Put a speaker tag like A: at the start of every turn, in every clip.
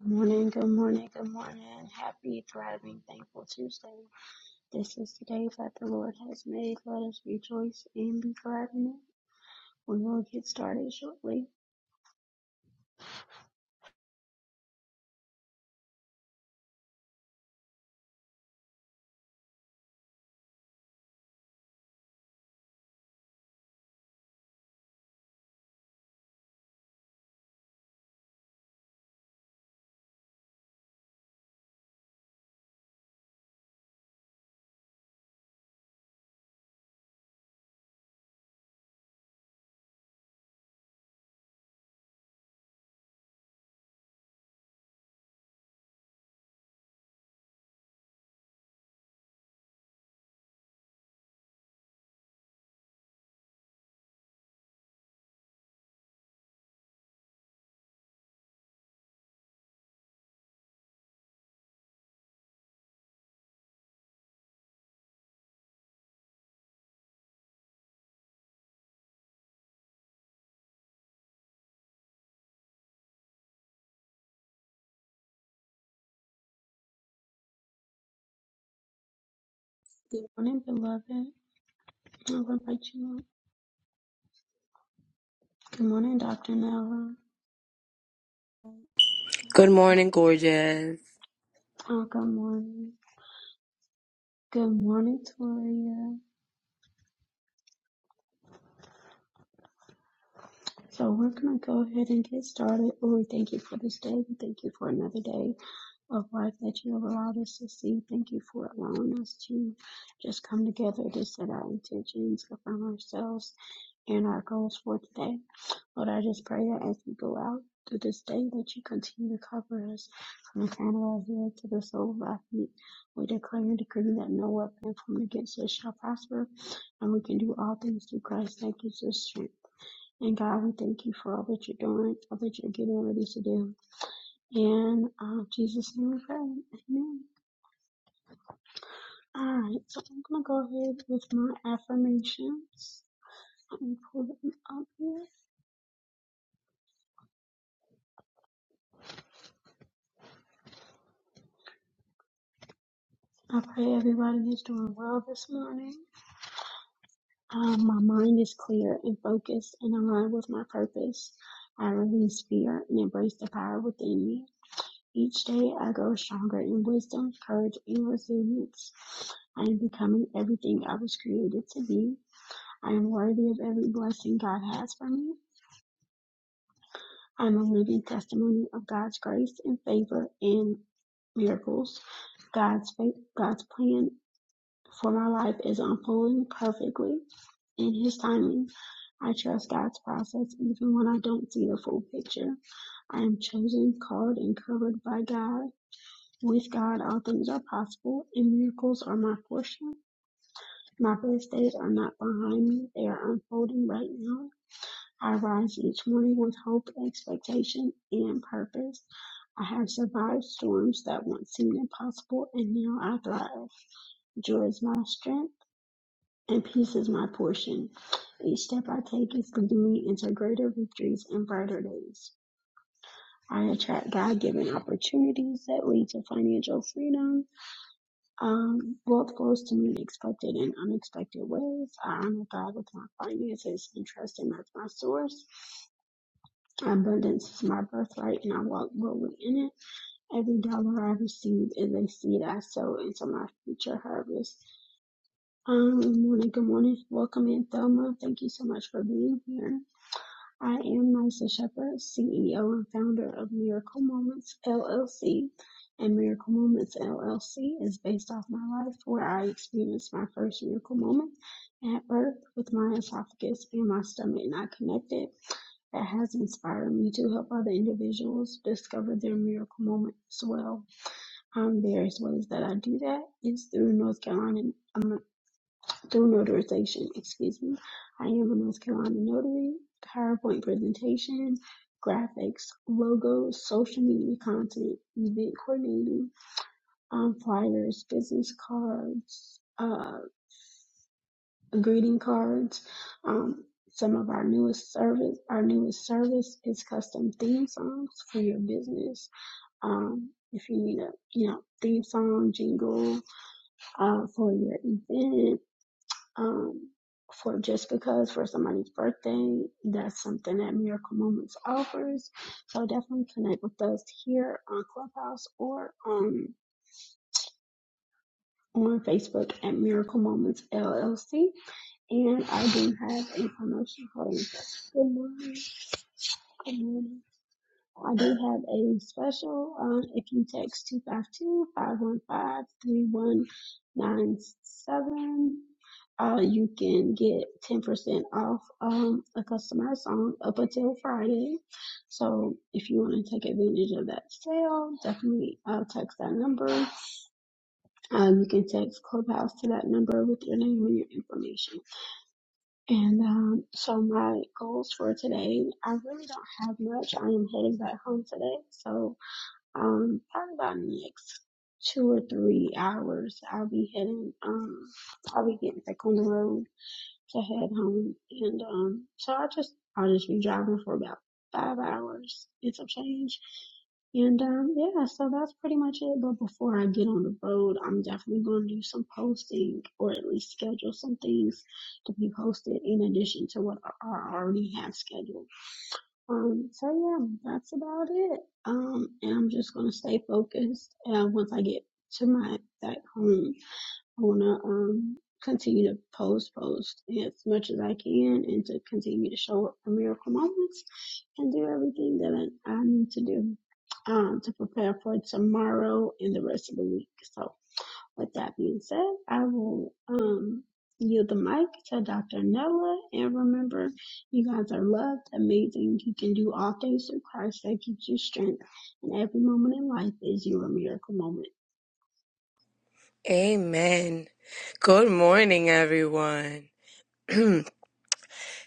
A: Good morning, good morning, good morning. Happy, thriving, thankful Tuesday. This is the day that the Lord has made. Let us rejoice and be glad in it. We will get started shortly. Good morning, beloved. I am going to invite you up. Good morning, Dr. Nella.
B: Good morning, gorgeous.
A: Oh, good morning. Good morning, Toria. So we're going to go ahead and get started. Lord, we thank you for this day. We thank you for another day. of life that you have allowed us to see. Thank you for allowing us to just come together to set our intentions, affirm ourselves and our goals for today. Lord, I just pray that as we go out through this day, that you continue to cover us from the crown of our head to the sole of our feet. We declare and decree that no weapon formed against us shall prosper, and we can do all things through Christ that gives us strength. And God, we thank you for all that you're doing, all that you're getting ready to do. And uh, Jesus' name we pray. Amen. All right, so I'm going to go ahead with my affirmations. Let me pull them up here. I pray everybody is doing well this morning. Um, my mind is clear and focused and aligned with my purpose. I release fear and embrace the power within me. Each day I grow stronger in wisdom, courage, and resilience. I am becoming everything I was created to be. I am worthy of every blessing God has for me. I'm a living testimony of God's grace and favor and miracles. God's faith, God's plan for my life is unfolding perfectly in His timing. I trust God's process even when I don't see the full picture. I am chosen, called, and covered by God. With God, all things are possible, and miracles are my portion. My best days are not behind me; they are unfolding right now. I rise each morning with hope, expectation, and purpose. I have survived storms that once seemed impossible, and now I thrive. Joy is my strength, and peace is my portion. Each step I take is leading me into greater victories and brighter days. I attract God-given opportunities that lead to financial freedom. Um, wealth flows to me in expected and unexpected ways. I honor God with my finances and trust Him as my source. Abundance is my birthright, and I walk boldly in it. Every dollar I receive is a seed I sow into my future harvest. Um, good morning, good morning. Welcome in, Thelma. Thank you so much for being here. I am Nysa Shepherd, CEO and founder of Miracle Moments LLC. And Miracle Moments LLC is based off my life where I experienced my first miracle moment at birth with my esophagus and my stomach not connected. That has inspired me to help other individuals discover their miracle moment as well. Um, various ways that I do that is through North Carolina through notarization, excuse me. I am a North Carolina notary, PowerPoint presentation, graphics, logos, social media content, event coordinating, um, flyers, business cards, uh, greeting cards. Um, some of our newest service, our newest service is custom theme songs for your business. Um, if you need a, you know, theme song, jingle, uh, for your event, um, for just because for somebody's birthday, that's something that Miracle Moments offers. So definitely connect with us here on Clubhouse or um, on Facebook at Miracle Moments LLC. And I do have a promotion for you. Good morning. Good morning. I do have a special. Um, if you text two five two five one five three one nine seven, uh, you can get 10% off um, a customer song up until Friday. So if you want to take advantage of that sale, definitely uh, text that number. Uh, you can text Clubhouse to that number with your name and your information. And um, so my goals for today, I really don't have much. I am heading back home today. So um, probably about next two or three hours, I'll be heading. Um, I'll be getting back on the road to head home, and um, so I just I'll just be driving for about five hours and some change. And um, yeah, so that's pretty much it. But before I get on the road, I'm definitely going to do some posting or at least schedule some things to be posted in addition to what I I already have scheduled. Um, so yeah, that's about it. Um, and I'm just gonna stay focused. And once I get to my back home, I wanna um continue to post, post as much as I can, and to continue to show up for miracle moments, and do everything that I, I need to do um to prepare for tomorrow and the rest of the week. So with that being said, I will um yield the mic to Dr. Nella. And remember, you guys are loved, amazing. You can do all things through Christ that gives you strength. And every moment in life is your miracle moment.
B: Amen. Good morning, everyone.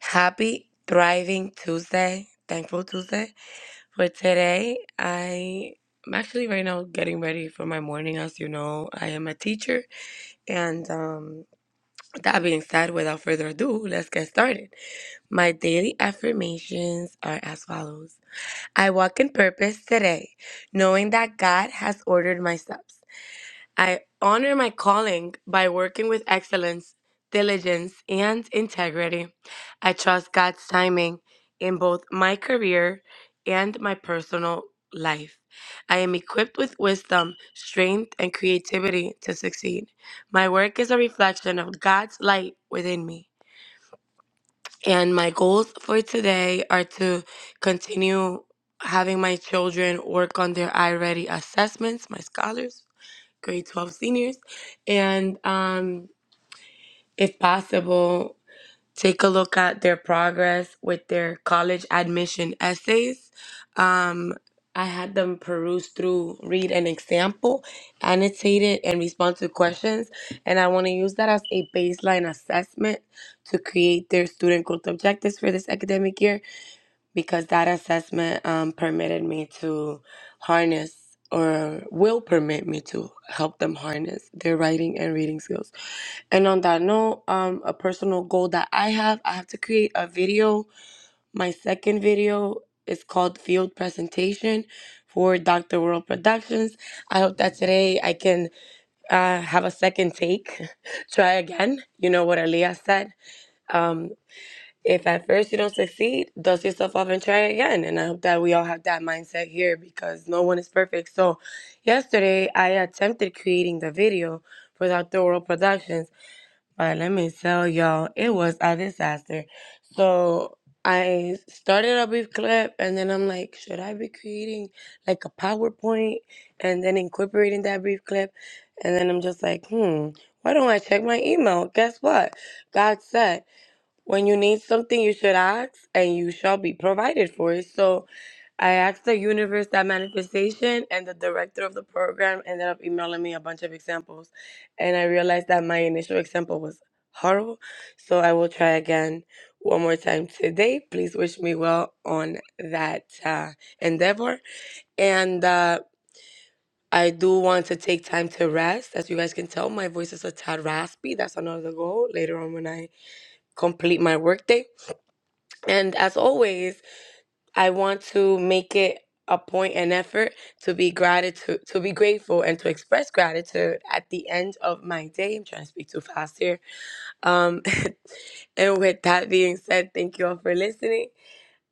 B: Happy Thriving Tuesday, Thankful Tuesday. For today, I am actually right now getting ready for my morning. As you know, I am a teacher. And um, that being said, without further ado, let's get started. My daily affirmations are as follows I walk in purpose today, knowing that God has ordered my steps. I honor my calling by working with excellence, diligence, and integrity. I trust God's timing in both my career and my personal life. I am equipped with wisdom, strength, and creativity to succeed. My work is a reflection of God's light within me. And my goals for today are to continue having my children work on their iReady assessments, my scholars grade 12 seniors. And um, if possible, take a look at their progress with their college admission essays. Um, I had them peruse through, read an example, annotate it, and respond to questions. And I want to use that as a baseline assessment to create their student growth objectives for this academic year because that assessment um, permitted me to harness or will permit me to help them harness their writing and reading skills. And on that note, um, a personal goal that I have, I have to create a video. My second video is called Field Presentation for Dr. World Productions. I hope that today I can uh, have a second take, try again. You know what Aaliyah said. Um, if at first you don't succeed, dust yourself off and try again. And I hope that we all have that mindset here because no one is perfect. So, yesterday I attempted creating the video for Dr. World Productions, but let me tell y'all, it was a disaster. So, I started a brief clip and then I'm like, should I be creating like a PowerPoint and then incorporating that brief clip? And then I'm just like, hmm, why don't I check my email? Guess what? God said. When you need something, you should ask, and you shall be provided for it. So I asked the universe that manifestation, and the director of the program ended up emailing me a bunch of examples. And I realized that my initial example was horrible. So I will try again one more time today. Please wish me well on that uh, endeavor. And uh, I do want to take time to rest. As you guys can tell, my voice is a tad raspy. That's another goal later on when I complete my workday and as always, I want to make it a point and effort to be gratitude to be grateful and to express gratitude at the end of my day. I'm trying to speak too fast here. Um and with that being said, thank you all for listening.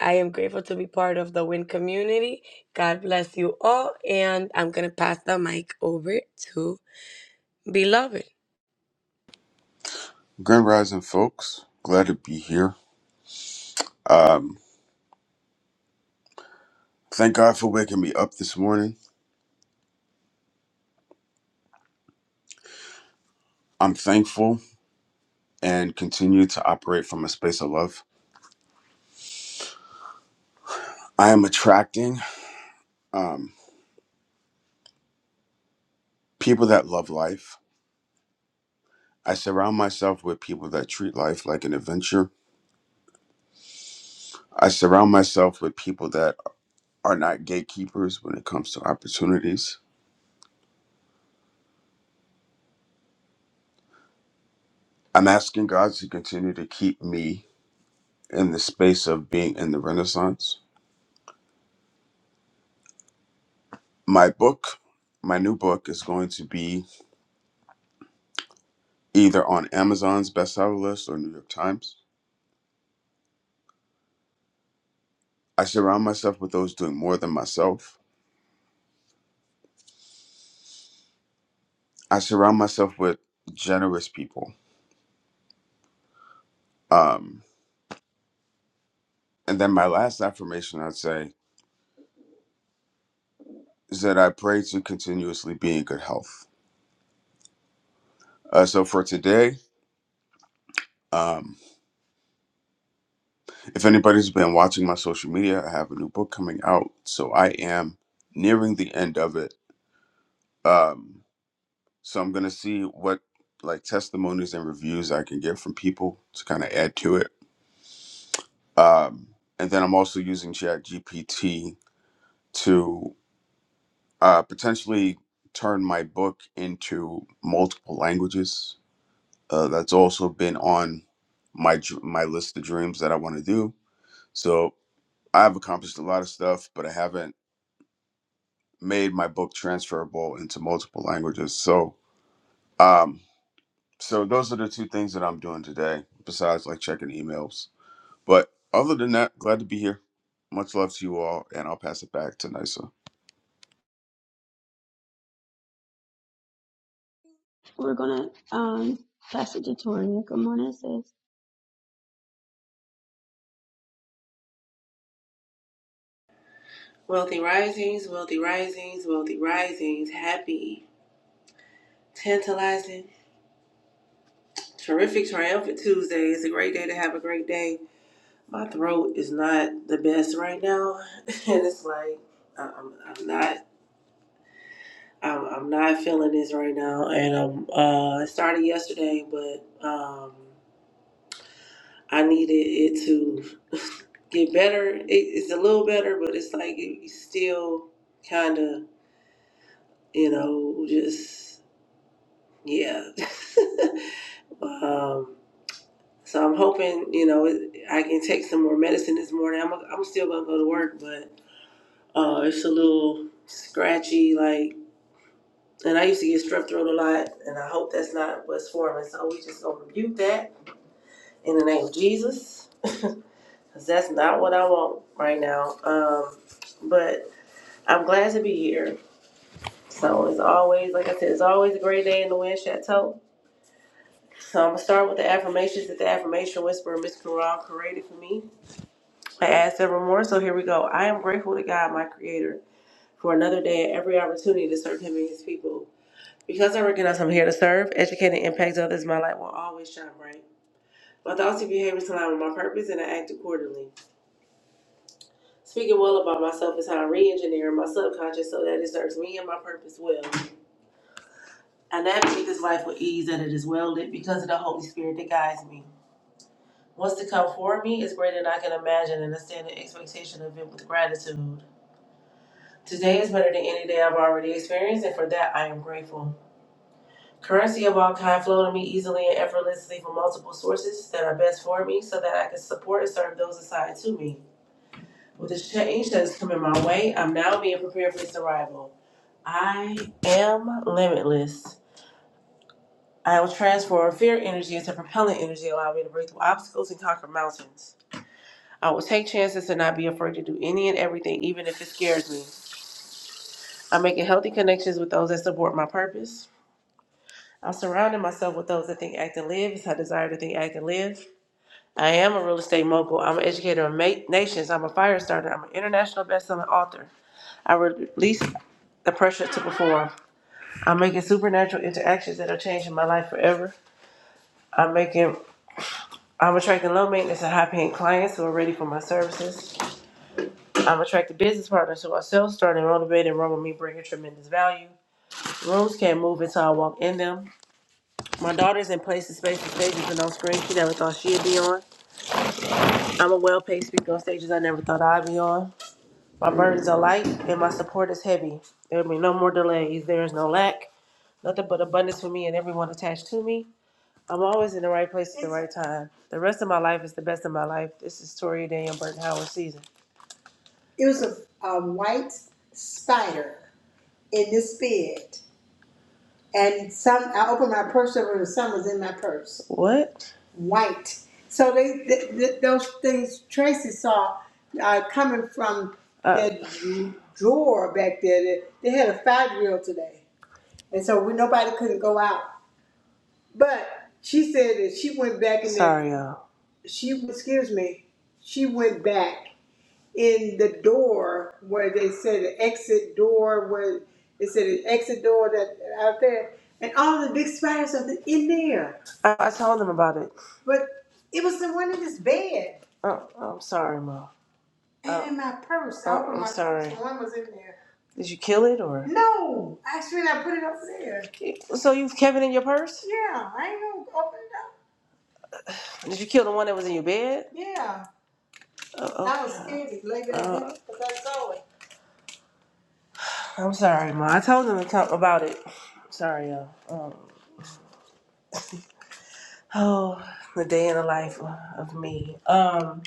B: I am grateful to be part of the WIN community. God bless you all and I'm gonna pass the mic over to beloved.
C: Grand Rising, folks. Glad to be here. Thank God for waking me up this morning. I'm thankful and continue to operate from a space of love. I am attracting um, people that love life. I surround myself with people that treat life like an adventure. I surround myself with people that are not gatekeepers when it comes to opportunities. I'm asking God to continue to keep me in the space of being in the Renaissance. My book, my new book, is going to be either on Amazon's bestseller list or New York Times. I surround myself with those doing more than myself. I surround myself with generous people. Um, and then my last affirmation I'd say is that I pray to continuously be in good health. Uh, so for today, um, if anybody's been watching my social media, I have a new book coming out. So I am nearing the end of it. Um, so I'm going to see what like testimonies and reviews I can get from people to kind of add to it Um, and then I'm also using ChatGPT to uh, potentially turn my book into multiple languages. Uh, that's also been on my dr- my list of dreams that I want to do. So I've accomplished a lot of stuff, but I haven't made my book transferable into multiple languages. So um, so those are the two things that I'm doing today, besides like checking emails. But other than that, glad to be here. Much love to you all, and I'll pass it back to Nisa.
A: We're gonna um pass it to Tori. Good morning, sis.
D: Wealthy risings, wealthy risings, wealthy risings. Happy, tantalizing, terrific, triumphant Tuesday. It's a great day to have a great day. My throat is not the best right now, and it's like I- am I'm not. I'm, I'm not feeling this right now, and um, uh, it started yesterday, but um, I needed it to get better. It, it's a little better, but it's like it, it's still kind of, you know, just yeah. Um, so I'm hoping, you know, it- I can take some more medicine this morning. I'm, I'm still gonna go to work, but uh, it's a little scratchy, like, and I used to get strep throat a lot, and I hope that's not what's forming. So we just gonna rebuke that in the name of Jesus, because that's not what I want right now. Um, but I'm glad to be here. So it's always, like I said, it's always a great day in the Wind Chateau. So I'm gonna start with the affirmations that the affirmation whisperer Miss Corral created for me. I add several more, so here we go. I am grateful to God, my Creator, for another day and every opportunity to serve Him and His people. Because I recognize I'm here to serve, educate, and impact others, my light will always shine bright. My thoughts and behaviors align with my purpose, and I act accordingly. Speaking well about myself is how I re-engineer my subconscious so that it serves me and my purpose well. I navigate this life with ease, and it is well lit because of the Holy Spirit that guides me. What's to come for me is greater than I can imagine, and I stand in expectation of it with gratitude. Today is better than any day I've already experienced, and for that I am grateful. Currency of all kind flow to me easily and effortlessly from multiple sources that are best for me so that I can support and serve those assigned to me. With this change that is coming my way, I'm now being prepared for its arrival. I am limitless. I will transform fear energy into propellant energy, allowing me to break through obstacles and conquer mountains. I will take chances and not be afraid to do any and everything, even if it scares me. I'm making healthy connections with those that support my purpose. I'm surrounding myself with those that think, act, and live. It's my desire to think, act, and live. I am a real estate mogul. I'm an educator of ma- nations. I'm a fire starter. I'm an international best-selling author. I release the pressure to perform. I'm making supernatural interactions that are changing my life forever. I'm making. I'm attracting low maintenance and high paying clients who are ready for my services. I'm attracting business partners who are self starting, motivated, and run with me, bringing tremendous value. Rooms can't move until I walk in them. My daughter's in places, spaces, stages, and on screen she never thought she'd be on. I'm a well paid speaker on stages I never thought I'd be on. My burdens are light and my support is heavy. There will be no more delays. There is no lack, nothing but abundance for me and everyone attached to me. I'm always in the right place at the right time. The rest of my life is the best of my life. This is Toria Daniel Burton Howard season. It was a, a white spider in this bed. and some I opened my purse over and some was in my purse, What? white. So they th- th- those things Tracy saw uh, coming from Uh, that drawer back there. They, they had a fire drill today, and so we, nobody couldn't go out. But she said that she went back and sorry, y'all. She excuse me. She went back in the door where they said the exit door where they said the exit door that out there and all the big spiders are in there. I, I told them about it. But it was the one in his bed Oh, I'm sorry, Mom. and Oh, in my purse. I oh, I'm my sorry. and one was in there. Did you kill it or? No, actually I put it up there. So you've kept it in your purse? Yeah, I ain't gonna open it up. Did you kill the one that was in your bed? Yeah, Oh, okay. I was okay. scared to leave it in Uh, there because I saw it. I'm sorry, Ma. I told them to talk about it. Sorry, y'all. Um, oh, the day in the life of me. Um,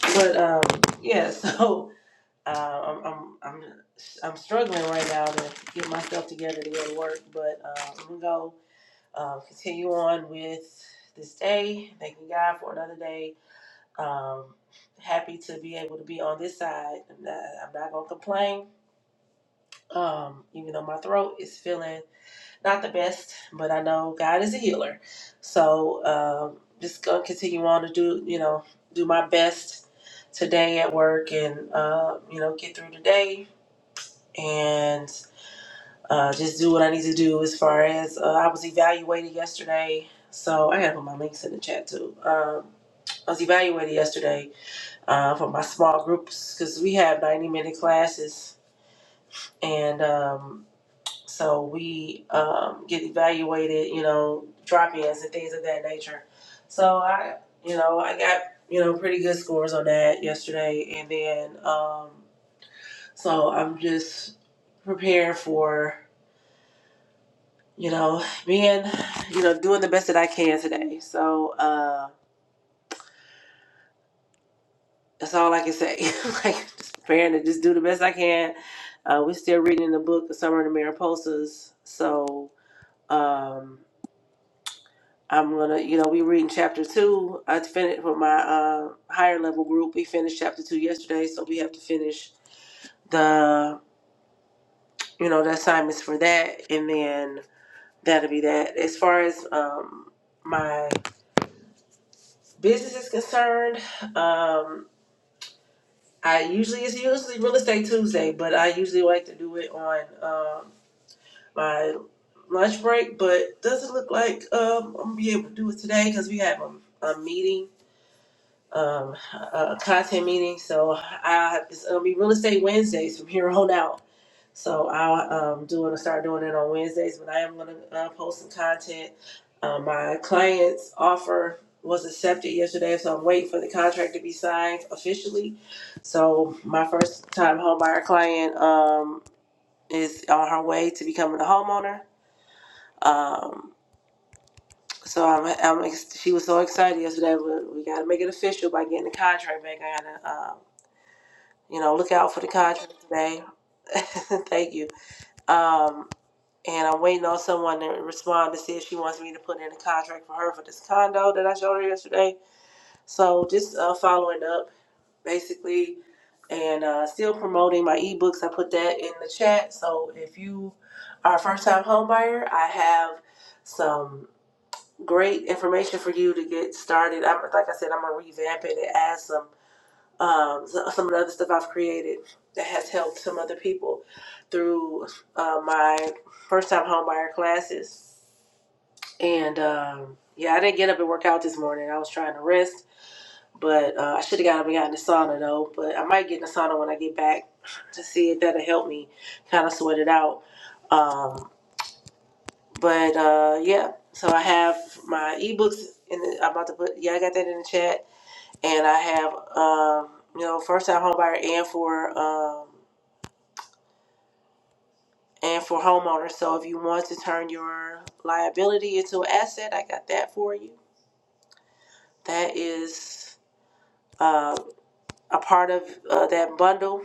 D: but um, yeah. So uh, I'm I'm I'm I'm struggling right now to get myself together to go to work. But uh, I'm gonna go uh, continue on with this day. Thanking God for another day. Um, happy to be able to be on this side. I'm not, I'm not gonna complain. Um, even though my throat is feeling. not the best, but I know God is a healer. So um, just gonna continue on to do, you know, do my best today at work and uh, you know get through the day and uh, just do what I need to do as far as uh, I was evaluated yesterday. So I gotta put my links in the chat too. Um, I was evaluated yesterday uh, for my small groups because we have ninety minute classes and. Um, So we um, get evaluated, you know, drop-ins and things of that nature. So I, you know, I got you know pretty good scores on that yesterday, and then um, so I'm just prepared for you know being you know doing the best that I can today. So uh, that's all I can say. like just preparing to just do the best I can. Uh, we're still reading the book, The Summer of the Mariposas. So. Um, I'm gonna, you know, we reading chapter two. I finished for my uh, higher level group. We finished chapter two yesterday, so we have to finish the, you know, the assignments for that, and then that'll be that. As far as um, my business is concerned, um, I usually it's usually real estate Tuesday, but I usually like to do it on um, my lunch break. But doesn't look like um, I'm gonna be able to do it today because we have a, a meeting um, uh, content meeting. So I it's gonna be real estate Wednesdays from here on out. So I'll um, do it. Start doing it on Wednesdays, but I am gonna uh, post some content. Um, my client's offer was accepted yesterday, so I'm waiting for the contract to be signed officially. So my first time home buyer client um, is on her way to becoming a homeowner. Um, so I'm, I'm ex- she was so excited yesterday. We, we got to make it official by getting the contract back. I got to. um. You know, look out for the contract today. Thank you. Um, and I'm waiting on someone to respond to see if she wants me to put in a contract for her for this condo that I showed her yesterday. So just uh, following up, basically, and uh, still promoting my ebooks. I put that in the chat. So if you are a first-time homebuyer, I have some great information for you to get started. I'm like I said, I'm gonna revamp it and add some um, so- some of the other stuff I've created that has helped some other people through uh, my first time home buyer classes. And um, yeah, I didn't get up and work out this morning. I was trying to rest, but uh, I should have got up and got in the sauna though. But I might get in the sauna when I get back to see if that'll help me kind of sweat it out. Um, but uh, yeah, so I have my ebooks in the, I'm about to put, yeah, I got that in the chat and I have um, you know first time home buyer and for um, and for homeowners. So if you want to turn your liability into an asset, I got that for you. That is uh, a part of uh, that bundle.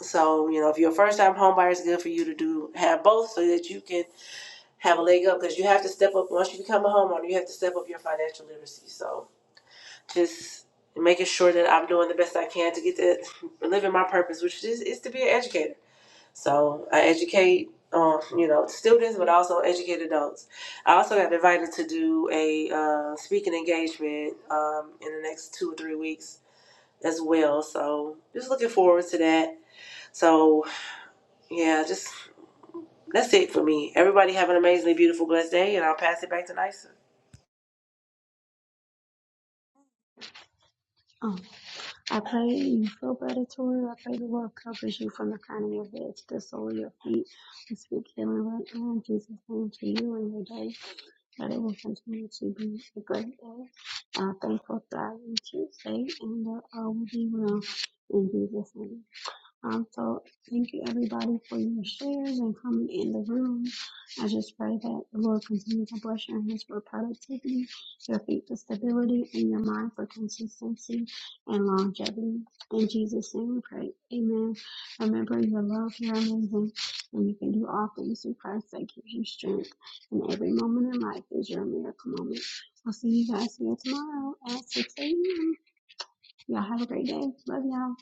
D: So you know if you're a first time home buyer, it's good for you to do have both so that you can have a leg up because you have to step up once you become a homeowner. You have to step up your financial literacy. So just making sure that I'm doing the best I can to get to living my purpose, which is, is to be an educator. So I educate, um, you know, students, but also educate adults. I also got invited to do a uh, speaking engagement um, in the next two or three weeks as well. So just looking forward to that. So yeah, just that's it for me. Everybody have an amazingly beautiful, blessed day, and I'll pass it back to Nysa.
A: Oh, I pray you feel better, Tori. I pray the Lord covers you from the crown of your head to the sole of your feet. I speak healing right now in Jesus' name to you and your day. that it will continue to be a great day. Uh, thankful, thriving Tuesday, and uh, uh, we'll be well in Jesus' name. Um, so thank you everybody for your shares and coming in the room. I just pray that the Lord continues to bless your hands for productivity, your feet for stability, and your mind for consistency and longevity. In Jesus' name we pray. Amen. Remember your love, you're amazing, and you can do all things through Christ that gives you strength. And every moment in life is your miracle moment. I'll see you guys here tomorrow at 6 a.m. Y'all have a great day. Love y'all.